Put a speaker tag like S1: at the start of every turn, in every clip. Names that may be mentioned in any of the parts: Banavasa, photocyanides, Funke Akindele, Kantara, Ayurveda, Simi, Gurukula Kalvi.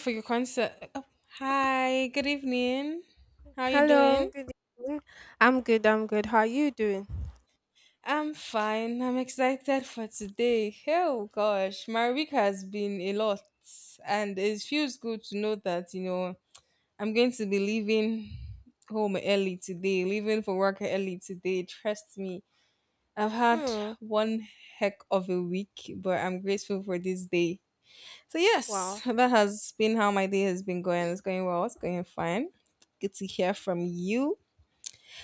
S1: For your concert. Oh, hi, good evening. How you
S2: Hello,
S1: doing?
S2: good evening. I'm good, I'm good. How are you doing?
S1: I'm fine. I'm excited for today. Oh gosh, my week has been a lot, and it feels good to know that I'm going to be leaving home early today, leaving for work early today. Trust me, I've had
S2: Hmm.
S1: one heck of a week, but I'm grateful for this day. So yes,
S2: Wow.
S1: that has been how my day has been going. It's going well. It's going fine good to hear from you.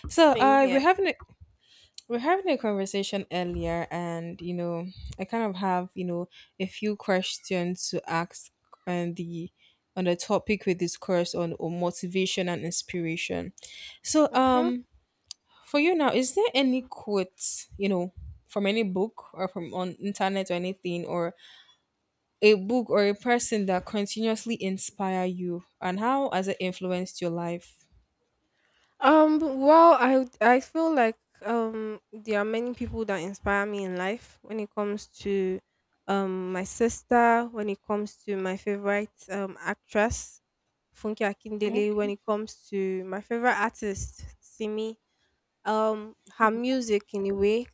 S1: So
S2: Same here.
S1: we're having a conversation earlier, and I kind of have a few questions to ask on the on the topic we discussed on motivation and inspiration. So
S2: Mm-hmm.
S1: for you now, is there any quotes from any book or from on internet or anything or a book or a person that continuously inspire you, and how has it influenced your life?
S2: Well, I feel like there are many people that inspire me in life when it comes to my sister, when it comes to my favorite actress, Funke Akindele,
S1: Okay.
S2: when it comes to my favorite artist, Simi. Her music in a way,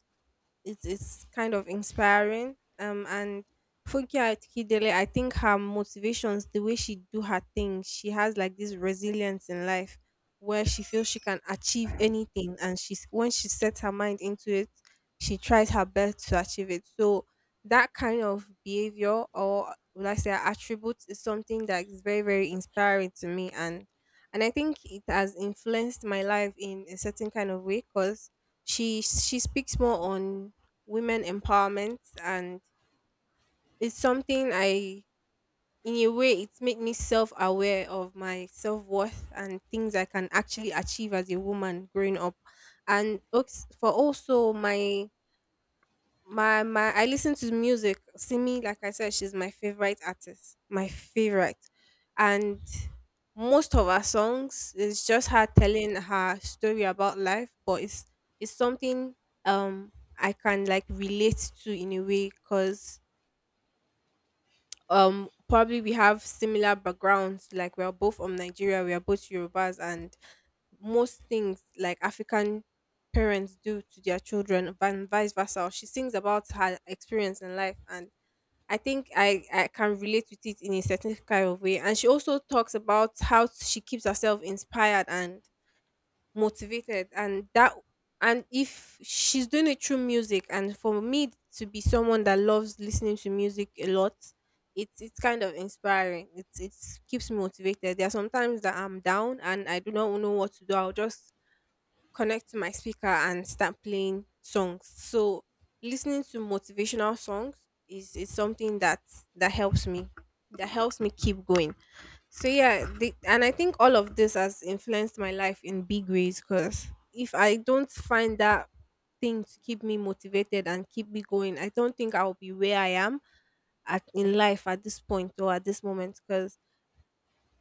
S2: it is kind of inspiring. And Funke Akindele, I think her motivations, the way she do her thing, she has like this resilience in life where she feels she can achieve anything, and she's when she sets her mind into it, she tries her best to achieve it. So that kind of behavior, or would I say attributes, is something that is very very inspiring to me, and I think it has influenced my life in a certain kind of way because she speaks more on women empowerment, and it's something I, in a way, it's made me self aware of my self worth and things I can actually achieve as a woman growing up. For also my my I listen to music. Simi, like I said, she's my favorite artist. My favorite. And most of her songs is just her telling her story about life, but it's something I can like relate to in a way because probably we have similar backgrounds. Like, we are both from Nigeria, we are both Yorubas, and most things like African parents do to their children and vice versa, she sings about her experience in life, and I think I can relate with it in a certain kind of way. And she also talks about how she keeps herself inspired and motivated, and that, and if she's doing it through music, and for me to be someone that loves listening to music a lot, it's kind of inspiring. It's it keeps me motivated. There are sometimes that I'm down and I do not know what to do. I'll just connect to my speaker and start playing songs. So listening to motivational songs is something that helps me. That helps me keep going. So yeah, and I think all of this has influenced my life in big ways because if I don't find that thing to keep me motivated and keep me going, I don't think I'll be where I am at in life at this point or at this moment because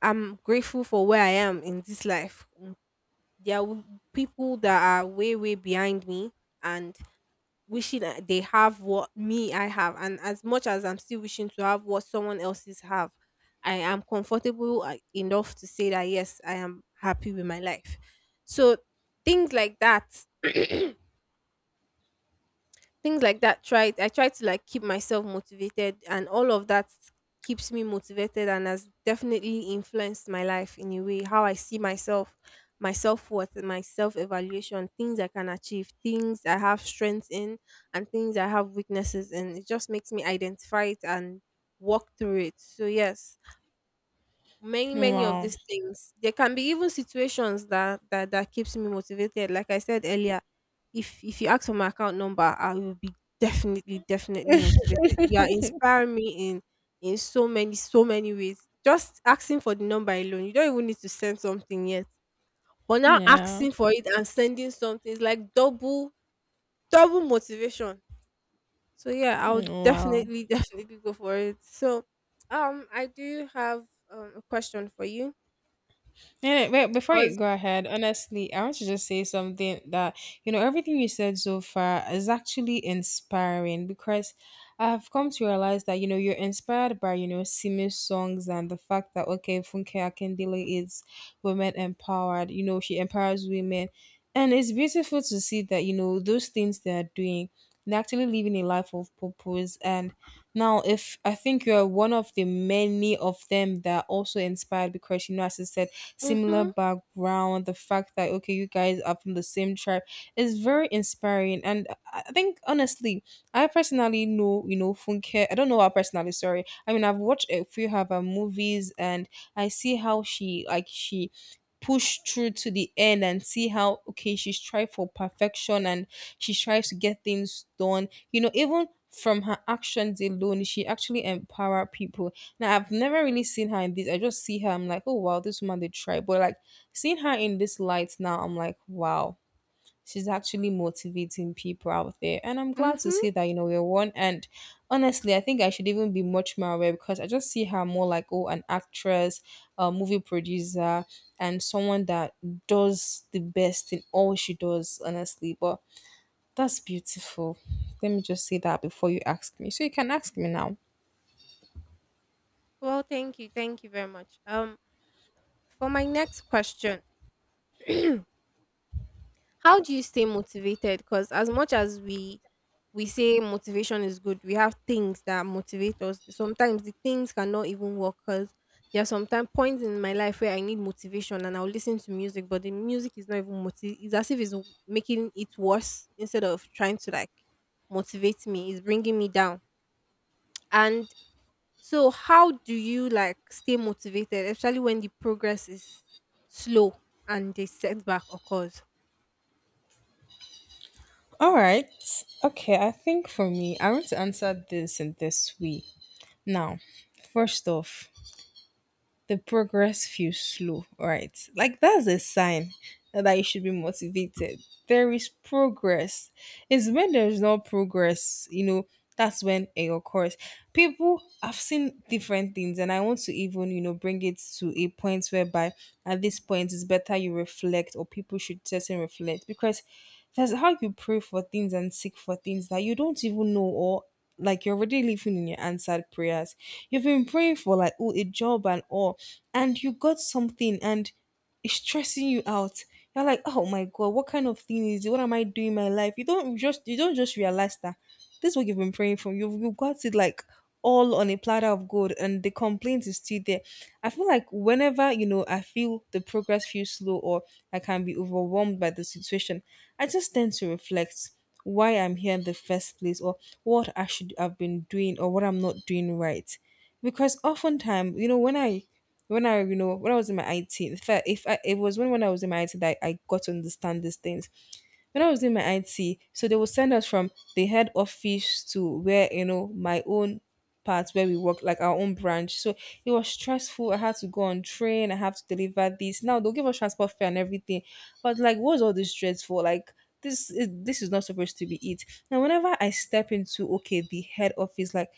S2: I'm grateful for where I am in this life. There are people that are way way behind me and wishing they have what me I have, and as much as I'm still wishing to have what someone else's have, I am comfortable enough to say that yes, I am happy with my life. So things like that, things like that, try I try to like keep myself motivated, and all of that keeps me motivated and has definitely influenced my life in a way, how I see myself, my self-worth, my self-evaluation, things I can achieve, things I have strengths in, and things I have weaknesses in. It just makes me identify it and walk through it. So yes, many many of
S1: Wow.
S2: these things, there can be even situations that that keeps me motivated. Like I said earlier, if you ask for my account number, I will be definitely definitely motivated. You are inspiring me in so many so many ways. Just asking for the number alone, you don't even need to send something yet, but now
S1: Yeah.
S2: asking for it and sending something is like double double motivation. So yeah,
S1: 嗯，
S2: I'll
S1: 哇哦。
S2: definitely definitely go for it. So I do have a question for you
S1: Yeah, wait, before you
S2: because.
S1: go ahead, honestly, I want to just say something that, you know, everything you said so far is actually inspiring because I've come to realize that, you know, you're inspired by, you know, Simi's songs and the fact that, okay, Funke Akindele is women empowered, you know, she empowers women. And it's beautiful to see that, you know, those things they are doing, they're actually living a life of purpose. And now, if I think you're one of the many of them that are also inspired because, you know, as I said, similar
S2: Mhm.
S1: background, the fact that okay, you guys are from the same tribe is very inspiring. And I think honestly, I personally know, you know, Funke. I don't know her personally, sorry. I mean I've watched a few of her movies and I see how she pushed through to the end and see how okay she tried for perfection and she tries to get things done. You know, even from her actions alone, she actually empower people. Now I've never really seen her in this. I just see her. I'm like, oh wow, this woman did try. But like seeing her in this light now, I'm like, wow, she's actually motivating people out there. And I'm glad to
S2: Mhm.
S1: see that, you know, we're one. And honestly, I think I should even be much more aware because I just see her more like, oh, an actress, a movie producer, and someone that does the best in all she does, honestly. But that's beautiful. Let me just say that before you ask me. So you can ask me now.
S2: Well, thank you. Thank you very much. For my next question, how do you stay motivated? Cuz as much as we say motivation is good, we have things that motivate us, sometimes the things cannot even work cuz there are sometimes points in my life where I need motivation and I'll listen to music, but the music is not even motiv. It's as if it's making it worse instead of trying to like motivate me. It's bringing me down. And So how do you like stay motivated, especially when the progress is slow and the setback occurs?
S1: All right. Okay, I think for me, I want to answer this in this way. Now, first off, the progress feels slow, all right? Like that's a sign that you should be motivated. There is progress. It's when there's no progress, you know, that's when it occurs. People, I've seen different things, and I want to even, you know, bring it to a point whereby at this point it's better you reflect, or people should just reflect because that's how you pray for things and seek for things that you don't even know or like you're already living in your answered prayers. You've been praying for like oh a job and all, and you got something and it's stressing you out. You're like, oh my god, what kind of thing is it? What am I doing in my life? You don't just realize that this is what you've been praying for. You got it like all on a platter of gold and the complaint is still there. I feel like whenever, you know, I feel the progress feels slow or I can be overwhelmed by the situation, I just tend to reflect why I'm here in the first place or what I should have been doing or what I'm not doing right because oftentimes when I, you know, when I was in my IT, in fact, if I, it was when I was in my IT that got to understand these things. When I was in my IT, so they would send us from the head office to where, you know, my own part where we work, like our own branch. So it was stressful. I had to go on train. I have to deliver this. Now they'll give us transport fare and everything. But like, what's all this stress for? Like, this is not supposed to be it. Now, whenever I step into okay the head office, like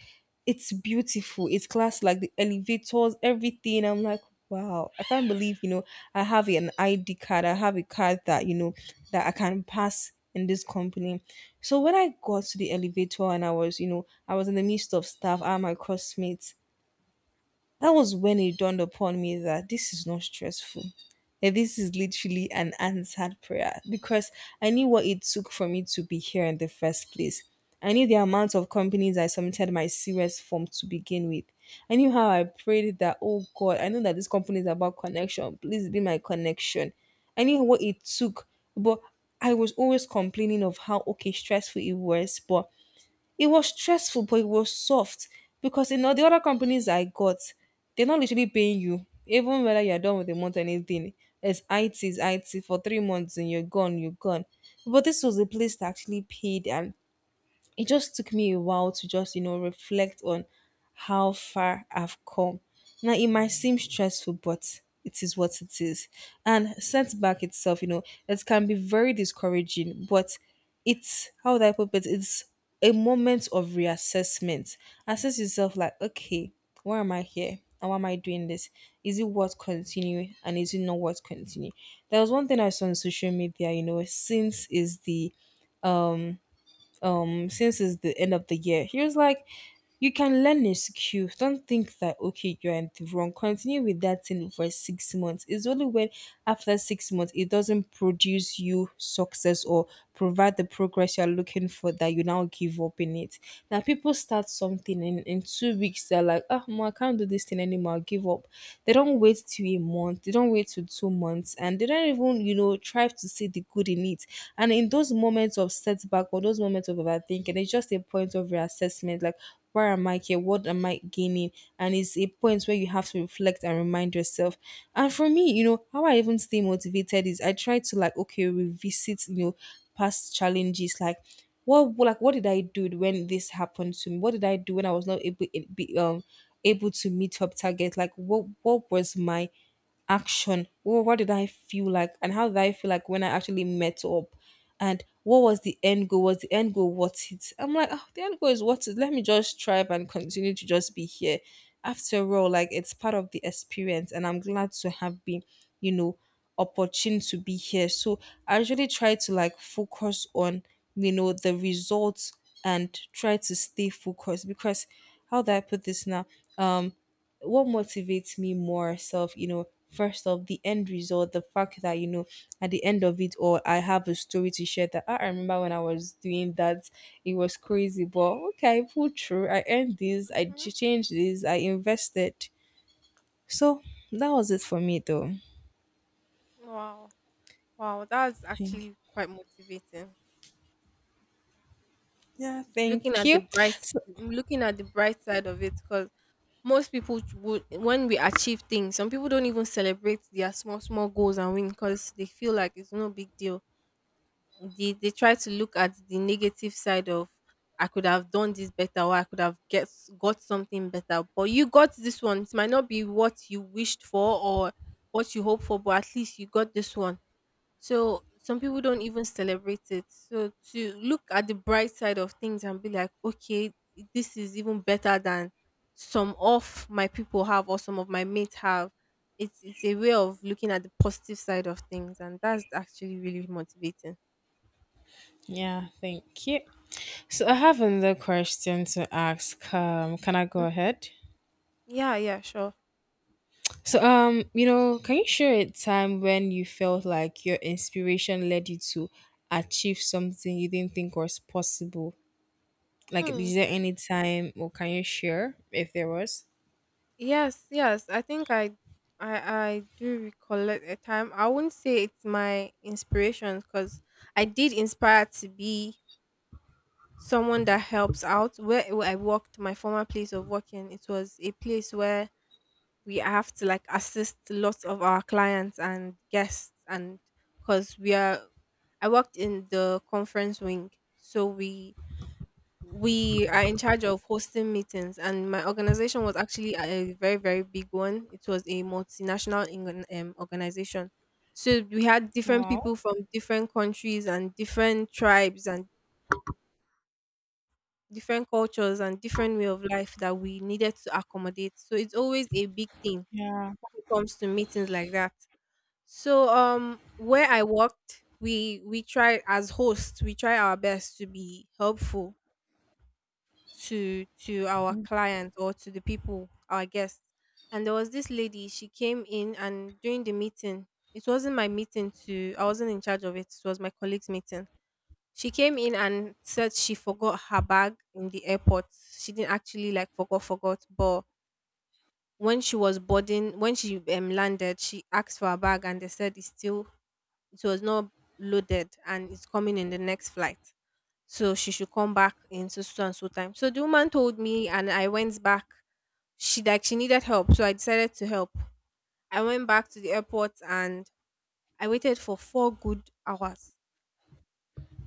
S1: it's beautiful. It's class like the elevators, everything. I'm like, wow, I can't believe, you know, I have an ID card. I have a card that, you know, that I can pass in this company. So when I got to the elevator and I was, you know, I was in the midst of staff and my crossmates, that was when it dawned upon me that this is not stressful. That this is literally an answered prayer because I knew what it took for me to be here in the first place. I knew the amount of companies I submitted my serious form to begin with. I knew how I prayed that, oh God, I know that this company is about connection. Please be my connection. I knew what it took, but I was always complaining of how okay stressful it was, but it was stressful, but it was soft because in all the other companies I got, they're not literally paying you, even whether you're done with the month or anything. It's IT for 3 months and you're gone, you're gone. But this was a place that actually paid and it just took me a while to just you know reflect on how far I've come. Now it might seem stressful, but it is what it is. And setback itself, you know, it can be very discouraging, but it's how would I put it? It's a moment of reassessment. Assess yourself like, okay, why am I here? And why am I doing this? Is it worth continuing? And is it not worth continuing? There was one thing I saw on social media, you know, since it's the end of the year. He was like, you can learn a skill. Don't think that okay, you're in the wrong. Continue with that thing for 6 months. It's only when after 6 months it doesn't produce you success or provide the progress you're looking for that you now give up in it. Now people start something in 2 weeks, they're like, oh no, I can't do this thing anymore, I'll give up. They don't wait till a month, they don't wait till 2 months, and they don't even, you know, try to see the good in it. And in those moments of setback or those moments of overthinking, it's just a point of reassessment. Like, where am I here? What am I gaining? And it's a point where you have to reflect and remind yourself. And for me, you know, how I even stay motivated is I try to like okay, revisit, you know, past challenges like what did I do when this happened to me? What did I do when I was not able able to meet up target? Like what was my action. Whoa, what did I feel like? And how did I feel like when I actually met up? And what was the end goal? Was the end goal worth it? I'm like, oh, the end goal is worth it. Let me just strive and continue to just be here. After all, like it's part of the experience, and I'm glad to have been, you know, opportune to be here. So I usually try to like focus on, you know, the results and try to stay focused because how do I put this now? um what motivates me more self you know first off the end result the fact that you know at the end of it all I have a story to share that "Ah, I remember when I was doing that it was crazy but okay I pulled through I earned this
S2: Mm.
S1: changed this I invested so that was it for me though
S2: Wow. Wow, that's
S1: thank
S2: actually quite motivating.
S1: yeah
S2: Looking
S1: thank
S2: at the
S1: you
S2: bright,
S1: so
S2: looking at the bright side of it. Because most people would, when we achieve things, some people don't even celebrate their small small goals and win because they feel like it's no big deal. They try to look at the negative side of, I could have done this better, or I could have get got something better. But you got this one. It might not be what you wished for or what you hoped for, but at least you got this one. So some people don't even celebrate it. So to look at the bright side of things and be like, okay, this is even better than some of my people have or some of my mates have. It's a way of looking at the positive side of things, and that's actually really motivating.
S1: Yeah, thank you. So I have another question to ask. Can I go ahead?
S2: Yeah, yeah, sure.
S1: So, you know, can you share a time when you felt like your inspiration led you to achieve something you didn't think was possible? Like,
S2: Hmm.
S1: is there any time, or can you share if there was?
S2: Yes, yes. I think I I do recollect a time. I wouldn't say it's my inspiration because I did inspire to be someone that helps out. Where I worked, my former place of working, it was a place where we have to like assist lots of our clients and guests, and because we are, I worked in the conference wing. So we are in charge of hosting meetings, and my organization was actually a very very big one. It was a multinational organization, so we had different people
S1: Wow.
S2: from different countries and different tribes and different cultures and different way of life that we needed to accommodate, so it's always a big thing
S1: Yeah.
S2: when it comes to meetings like that. So where I worked, we try, as hosts we try our best to be helpful to our
S1: Mm.
S2: clients or to the people, our guests. And there was this lady, she came in, and during the meeting, it wasn't my meeting to, I wasn't in charge of it, it was my colleague's meeting. She came in and said she forgot her bag in the airport. She didn't actually like forgot, but when she was boarding, when she landed, she asked for her bag and they said it's still, it was not loaded and it's coming in the next flight, so she should come back in so so and so time. So the woman told me, and I went back. She like she needed help, so I decided to help. I went back to the airport and I waited for four good hours.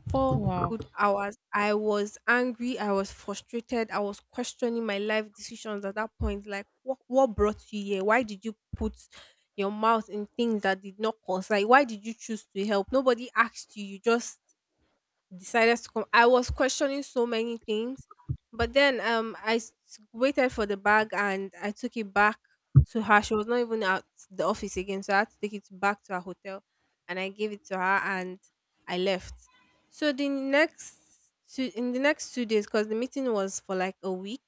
S2: Four
S1: Wow.
S2: good hours. I was angry. I was frustrated. I was questioning my life decisions at that point. Like, what brought you here? Why did you put your mouth in things that did not concern? Why did you choose to help? Nobody asked you. You just decided to come. I was questioning so many things, but then waited for the bag and I took it back to her. She was not even at the office again, so I had to take it back to her hotel, and I gave it to her and I left. So the next two, in the next 2 days, because the meeting was for like a week.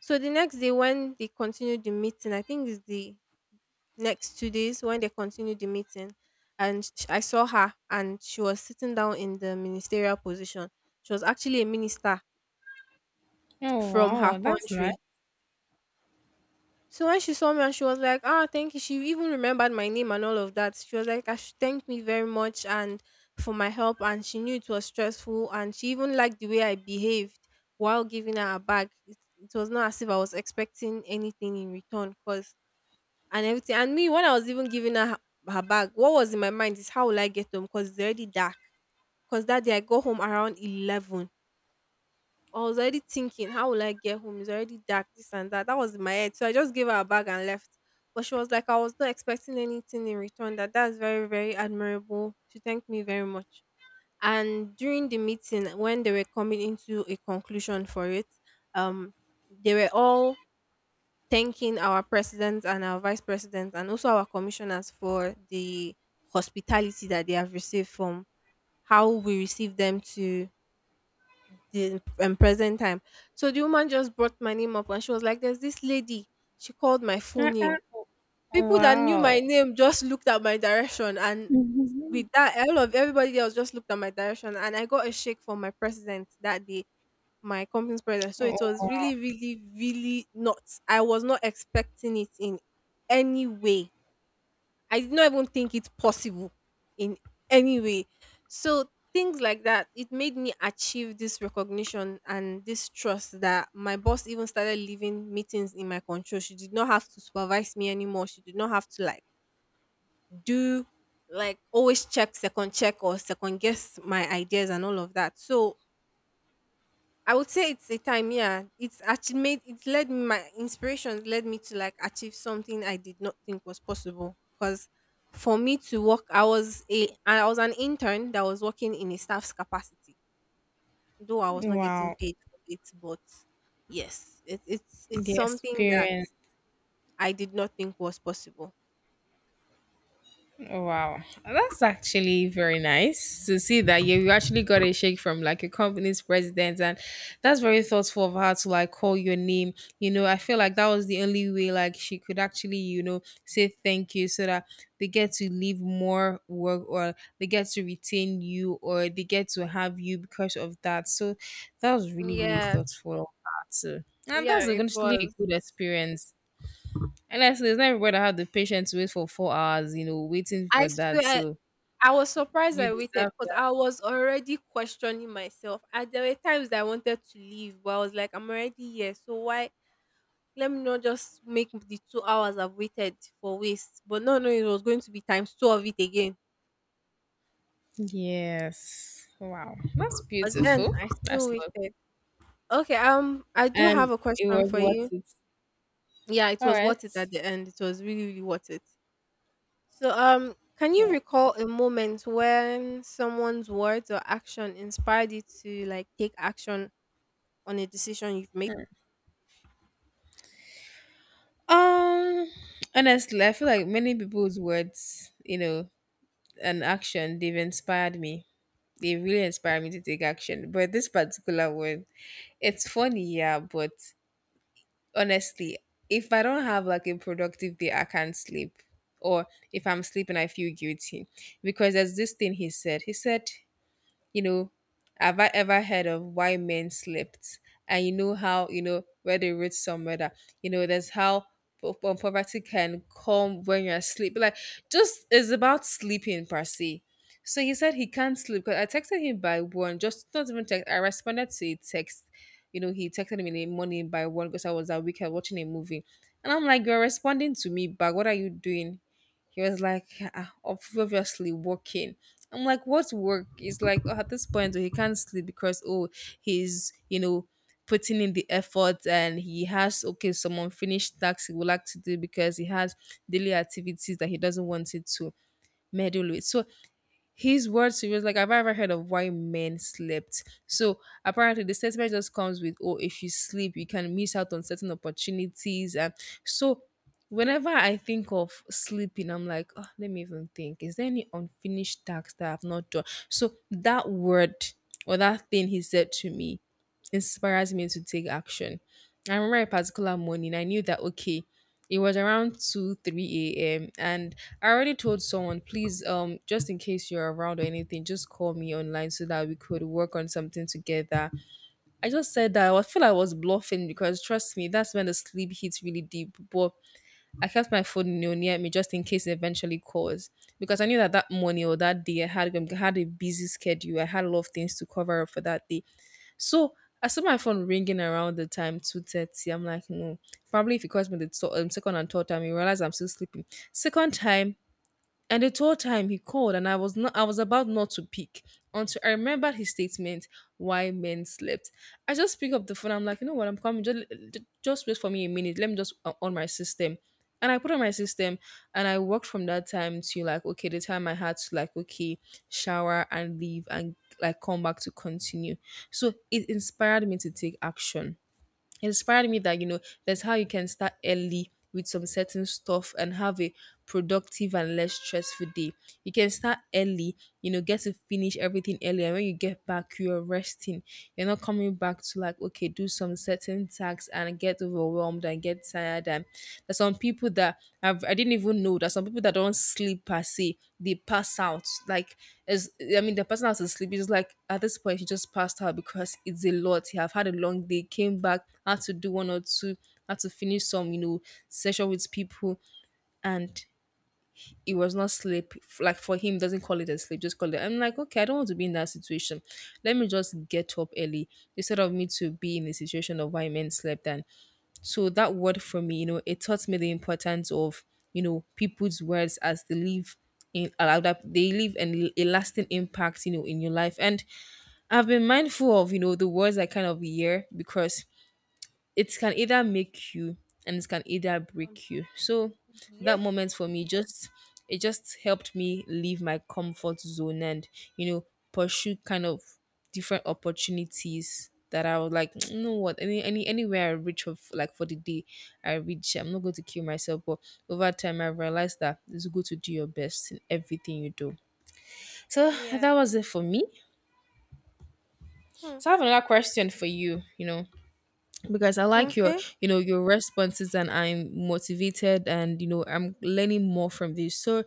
S2: So the next day when they continued the meeting, I think it's the next 2 days when they continued the meeting, and I saw her, and she was sitting down in the ministerial position. She was actually a minister
S1: Oh,
S2: from her
S1: wow. That's nice.
S2: country. So when she saw me, and she was like, ah, thank you, she even remembered my name and all of that. She was like, I should, thank me very much, and for my help, and she knew it was stressful, and she even liked the way I behaved while giving her a bag. It was not as if I was expecting anything in return, because and everything. And me, when I was even giving her her bag, what was in my mind is, how will I get home? Because it's already dark. Because that day I got home around 11. I was already thinking, how will I get home? It's already dark, this and that. That was in my head. So I just gave her a bag and left. But she was like, I was not expecting anything in return. That's very, very admirable. She thanked me very much. And during the meeting, when they were coming into a conclusion for it, um, they were all thanking our president and our vice president and also our commissioners for the hospitality that they have received from how we received them to the present time. So the woman just brought my name up and she was like, there's this lady. She called my full
S1: Uh,
S2: name.
S1: uh,
S2: People that knew my
S1: Wow.
S2: name just looked at my direction, and
S1: Mhm.
S2: with that all of everybody else just looked at my direction and I got a shake from my president that day, my company's president. So it
S1: Oh,
S2: was
S1: wow.
S2: really, really, really not. I was not expecting it in any way. I did not even think it possible in any way. So things like that, it made me achieve this recognition and this trust that my boss even started leaving meetings in my control. She did not have to supervise me anymore. She did not have to like do like always check second check or second guess my ideas and all of that. So I would say it's a time, yeah. It's actually made it led my inspiration led me to like achieve something I did not think was possible. Cause for me to work, I was an intern that was working in a staff's capacity, though I was not getting
S1: Wow.
S2: paid for it. But yes, it's
S1: The
S2: something that
S1: experience.
S2: I did not think was possible.
S1: Oh, wow. That's actually very nice to see that you actually got a shake from like your company's president. And that's very thoughtful of her to like call your name. You know, I feel like that was the only way like she could actually, you know, say thank you so that they get to leave more work or they get to retain you or they get to have you because of that. So that was really, really
S2: Yes,
S1: thoughtful of her too. And
S2: yeah,
S1: that's
S2: it
S1: actually a
S2: was.
S1: good experience. Honestly, it's not everybody that have the patience to wait for 4 hours, you know, waiting
S2: I
S1: for that.
S2: swear
S1: So
S2: I was surprised
S1: you
S2: I waited
S1: deserve
S2: because
S1: that.
S2: I was already questioning myself. And there were times that I wanted to leave, but I was like, I'm already here, so why? Let me not just make the 2 hours I've waited for waste. But no, no, it was going to be times two of it again.
S1: Yes. Wow. That's
S2: But then
S1: beautiful.
S2: I still
S1: That's love.
S2: waited. Okay, I do have
S1: And
S2: a
S1: it
S2: question
S1: was
S2: for
S1: worth
S2: you.
S1: it.
S2: Yeah, it
S1: All
S2: was
S1: right.
S2: worth it at the end. It was really, really worth it. So, can you
S1: Wow.
S2: recall a moment when someone's words or action inspired you to like take action on a decision you've made?
S1: Um honestly, I feel like many people's words, you know, and action, they've inspired me. They really inspired me to take action. But this particular one, it's funny, yeah, but honestly, if I don't have like a productive day, I can't sleep. Or if I'm sleeping, I feel guilty. Because there's this thing he said. He said you know, have I ever heard of why men slept? And you know how, you know, where they read somewhere that, you know, there's how poverty can come when you're asleep. Like, just it's about sleeping per se. So he said he can't sleep because I texted him by one, just not even text. I responded to a text. You know, he texted me in the morning by one because I was at weekend watching a movie. And I'm like, you're responding to me back. What are you doing? He was like, "Ah, obviously working." I'm like, what's work? It's like oh, at this point oh, he can't sleep because oh he's you know putting in the effort and he has okay some unfinished tasks he would like to do because he has daily activities that he doesn't want it to meddle with. So his words to me was like, "Have I ever heard of why men slept." So apparently the statement just comes with, oh, if you sleep, you can miss out on certain opportunities. And so whenever I think of sleeping, I'm like, oh, let me even think. Is there any unfinished task that I've not done? So that word or that thing he said to me inspires me to take action. I remember a particular morning, I knew that okay. It was around 2 3 a.m. and I already told someone, please, just in case you're around or anything, just call me online so that we could work on something together. I just said that feel I was bluffing because trust me, that's when the sleep hits really deep. But I kept my phone you know, near me just in case it eventually calls because I knew that that morning or that day I had a busy schedule. I had a lot of things to cover up for that day. So I saw my phone ringing around the time 2:30. I'm like, no. Probably if it calls me the second and third time, you realize I'm still sleeping. Second time, and the whole time he called and I was about not to pick until I remembered his statement, why men slept. I just pick up the phone, I'm like, you know what, I'm coming, just wait for me a minute. Let me just on my system. And I put on my system and I worked from that time to like, okay, the time I had to like, okay, shower and leave and like come back to continue. So it inspired me to take action inspired me that you know that's how you can start early with some certain stuff and have a productive and less stressful day you can start early you know get to finish everything early and when you get back you're resting you're not coming back to like okay do some certain tasks and get overwhelmed and get tired and there's some people that I didn't even know there's some people that don't sleep per se they pass out like as I mean the person has to sleep is like at this point he just passed out because it's a lot he have had a long day came back had to do one or two had to finish some you know session with people and it was not sleep like for him doesn't call it a sleep just call it I'm like okay I don't want to be in that situation let me just get up early instead of me to be in a situation of why men slept and so that word for me you know it taught me the importance of you know people's words as they leave in allow that they leave a lasting impact you know in your life and I've been mindful of you know the words I kind of hear because it can either make you and it can either
S2: Um,
S1: break you. So that
S2: yep.
S1: moment for me just it just helped me leave my comfort zone and you know pursue kind of different opportunities that I was like, "Mm, you know what, anywhere I reach of like for the day I reach, I'm not going to kill myself." But over time I realized that it's good to do your best in everything you do. So
S2: Yeah.
S1: that was it for me.
S2: Hmm.
S1: So I have another question for you, you know, because I like your,
S2: Okay.
S1: you know, your responses and I'm motivated and you know, I'm learning more from this. So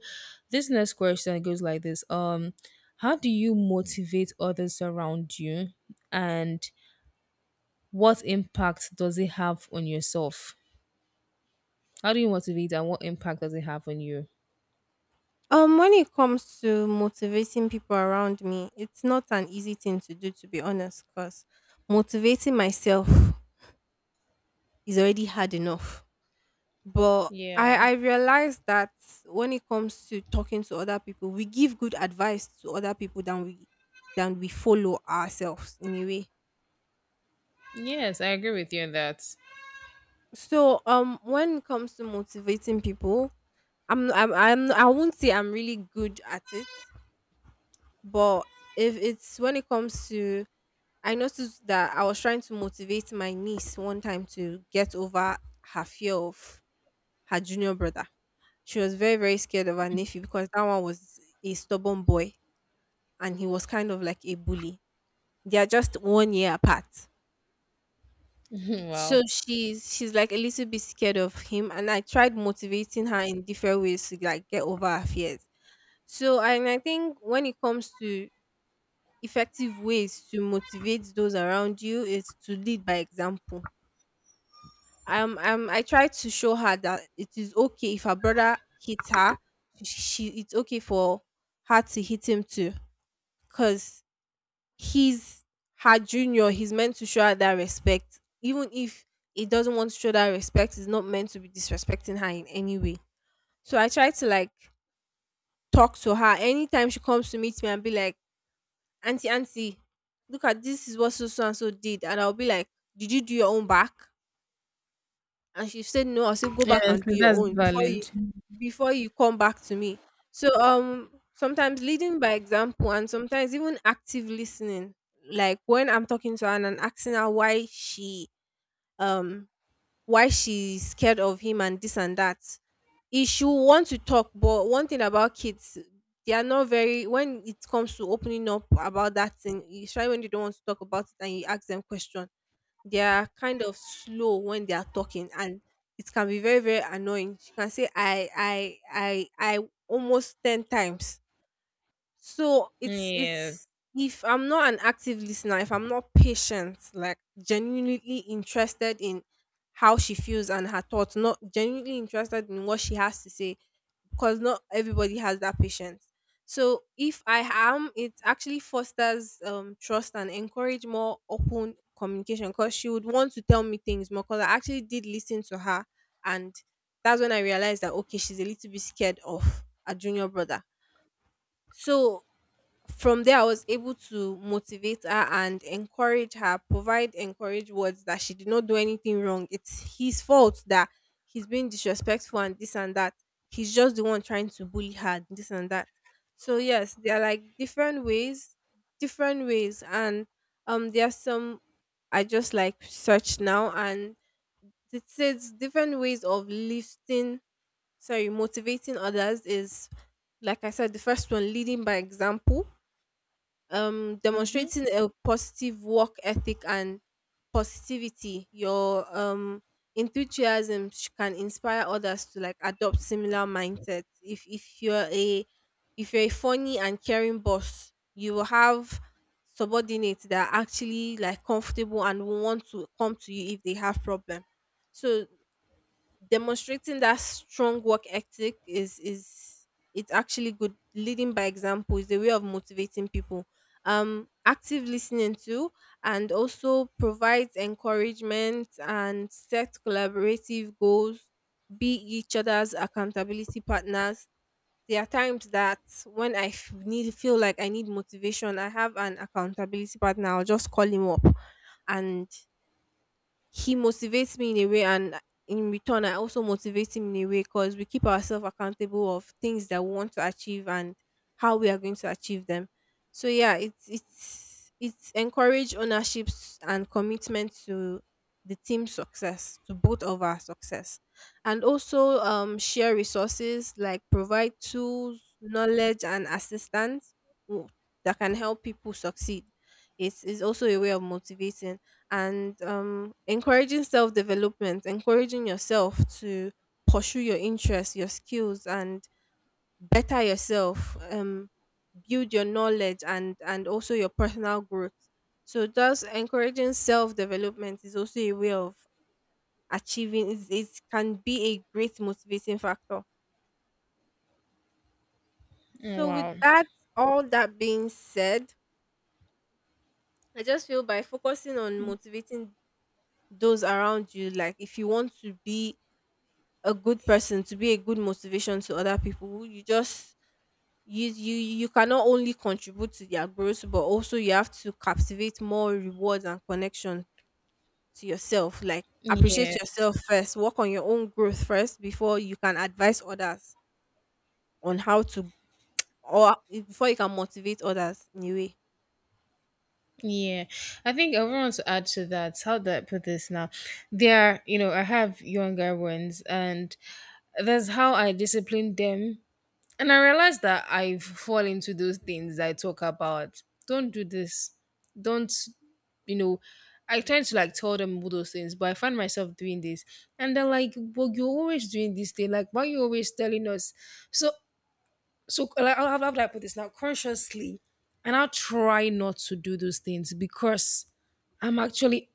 S1: this next question goes like this. How do you motivate others around you and what impact does it have on yourself? How do you motivate and what impact does it have on you?
S2: When it comes to motivating people around me, it's not an easy thing to do, to be honest, because motivating myself is already hard enough. But
S1: Yeah.
S2: I realize that when it comes to talking to other people, we give good advice to other people than we follow ourselves in a way.
S1: Yes, I agree with you on that.
S2: So when it comes to motivating people, I'm I won't say I'm really good at it. But if it's when it comes to, I noticed that I was trying to motivate my niece one time to get over her fear of her junior brother. She was very, very scared of her nephew because that one was a stubborn boy and he was kind of like a bully. They are just one year apart. So
S1: Wow.
S2: she's like a little bit scared of him and I tried motivating her in different ways to like get over her fears. So and I think when it comes to effective ways to motivate those around you is to lead by example. I try to show her that it is okay if her brother hits her. She it's okay for her to hit him too, cause he's her junior. He's meant to show her that respect, even if he doesn't want to show that respect. It's not meant to be disrespecting her in any way. So I try to like talk to her anytime she comes to meet me and be like auntie, auntie, look at this is what so so and so did. And I'll be like, did you do your own back? And she said no. I'll say go back
S1: Yes,
S2: and do your
S1: that's
S2: own
S1: valid.
S2: before you come back to me. So sometimes leading by example and sometimes even active listening. Like when I'm talking to her and I'm asking her why she um why she's scared of him and this and that. He should want to talk, but one thing about kids, they are not very when it comes to opening up about that thing, especially when they don't want to talk about it and you ask them question, they are kind of slow when they are talking and it can be very, very annoying. She can say I almost 10 times, so it's
S1: Yes.
S2: if I'm not an active listener, if I'm not patient, like genuinely interested in how she feels and her thoughts, not genuinely interested in what she has to say, because not everybody has that patience. So if I am, it actually fosters trust and encourage more open communication because she would want to tell me things more because I actually did listen to her, and that's when I realized that okay, she's a little bit scared of a junior brother. So from there I was able to motivate her and encourage her, provide encourage words that she did not do anything wrong. It's his fault that he's being disrespectful and this and that. He's just the one trying to bully her, this and that. So yes, there are like different ways. And there are some I just like search now, and it says different ways of lifting sorry motivating others is like I said, the first one, leading by example. Demonstrating a positive work ethic and positivity, your enthusiasm can inspire others to like adopt similar mindsets. If you're a, if you're a funny and caring boss, you will have subordinates that are actually like comfortable and will want to come to you if they have problem. So demonstrating that strong work ethic is it's actually good. Leading by example is a way of motivating people. Active listening too, and also provides encouragement and set collaborative goals, be each other's accountability partners. There are times that when need feel like I need motivation, I have an accountability partner, I'll just call him up, and he motivates me in a way, and in return I also motivate him in a way because we keep ourselves accountable of things that we want to achieve and how we are going to achieve them. So yeah, it's encourage ownership and commitment to the team success, to both of our success. And also share resources like provide tools, knowledge, and assistance w- that can help people succeed. It's also a way of motivating. And encouraging self development, encouraging yourself to pursue your interests, your skills, and better yourself, build your knowledge, and also your personal growth. So thus encouraging self development is also a way of achieving. It can be a great motivating factor. So with
S1: Wow.
S2: that, all that being said, I just feel by focusing on motivating those around you, like if you want to be a good person, to be a good motivation to other people, you just you cannot only contribute to their growth, but also you have to captivate more rewards and connection to yourself. Like appreciate
S1: Yeah.
S2: yourself first, work on your own growth first before you can advise others on how to, or before you can motivate others in a way.
S1: Yeah, I think I want to add to that. How do I put this now? There, you know, I have younger ones, and that's how I discipline them. And I realized that I fall into those things I talk about. Don't do this. Don't, you know, I tend to like tell them all those things, but I find myself doing this, and they're like, "Well, you're always doing this thing. Like, why are you always telling us?" So, so like, how, do I put this now? Consciously, and I'll try not to do those things because I'm actually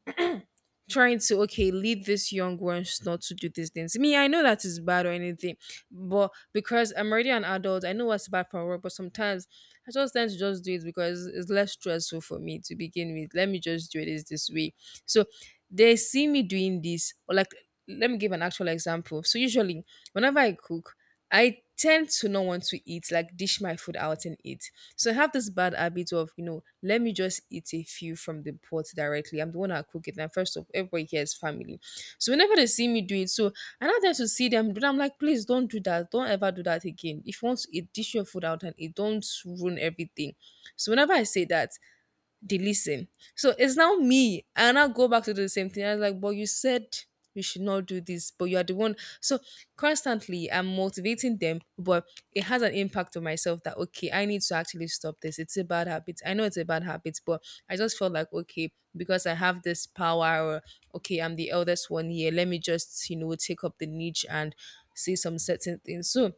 S1: trying to okay lead these young ones not to do these things. Me, I know that is bad or anything, but because I'm already an adult, I know what's bad for work. But sometimes I just tend to just do it because it's less stressful for me to begin with. Let me just do it this way. So they see me doing this, or like let me give an actual example. So usually whenever I cook, I tend to not want to eat like dish my food out and eat. So I have this bad habit of, you know, let me just eat a few from the pot directly. I'm the one that cook it. And first of everybody here is family. So whenever they see me do it, so I not there to see them do that. I'm like, please don't do that. Don't ever do that again. If you want to eat, dish your food out and it don't ruin everything. So whenever I say that, they listen. So it's now me. And I now go back to do the same thing. I was like, but you said we should not do this, but you are the one. So constantly I'm motivating them, but it has an impact on myself that okay, I need to actually stop this. It's a bad habit. I know it's a bad habit, but I just felt like okay, because I have this power or okay, I'm the eldest one here. Let me just, you know, take up the niche and say some certain things. So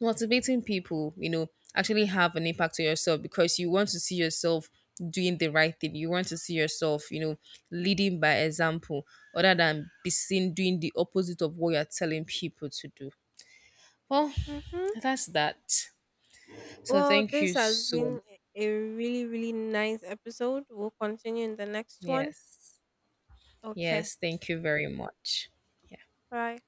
S1: motivating people, you know, actually have an impact on yourself because you want to see yourself doing the right thing. You want to see yourself, you know, leading by example other than be seen doing the opposite of what you're telling people to do. Well,
S2: Mm-hmm.
S1: that's that. So
S2: Well,
S1: thank
S2: this
S1: you
S2: has
S1: so.
S2: been a really, really nice episode. We'll continue in the next one.
S1: Yes.
S2: Okay.
S1: Yes, thank you very much. Yeah.
S2: Bye.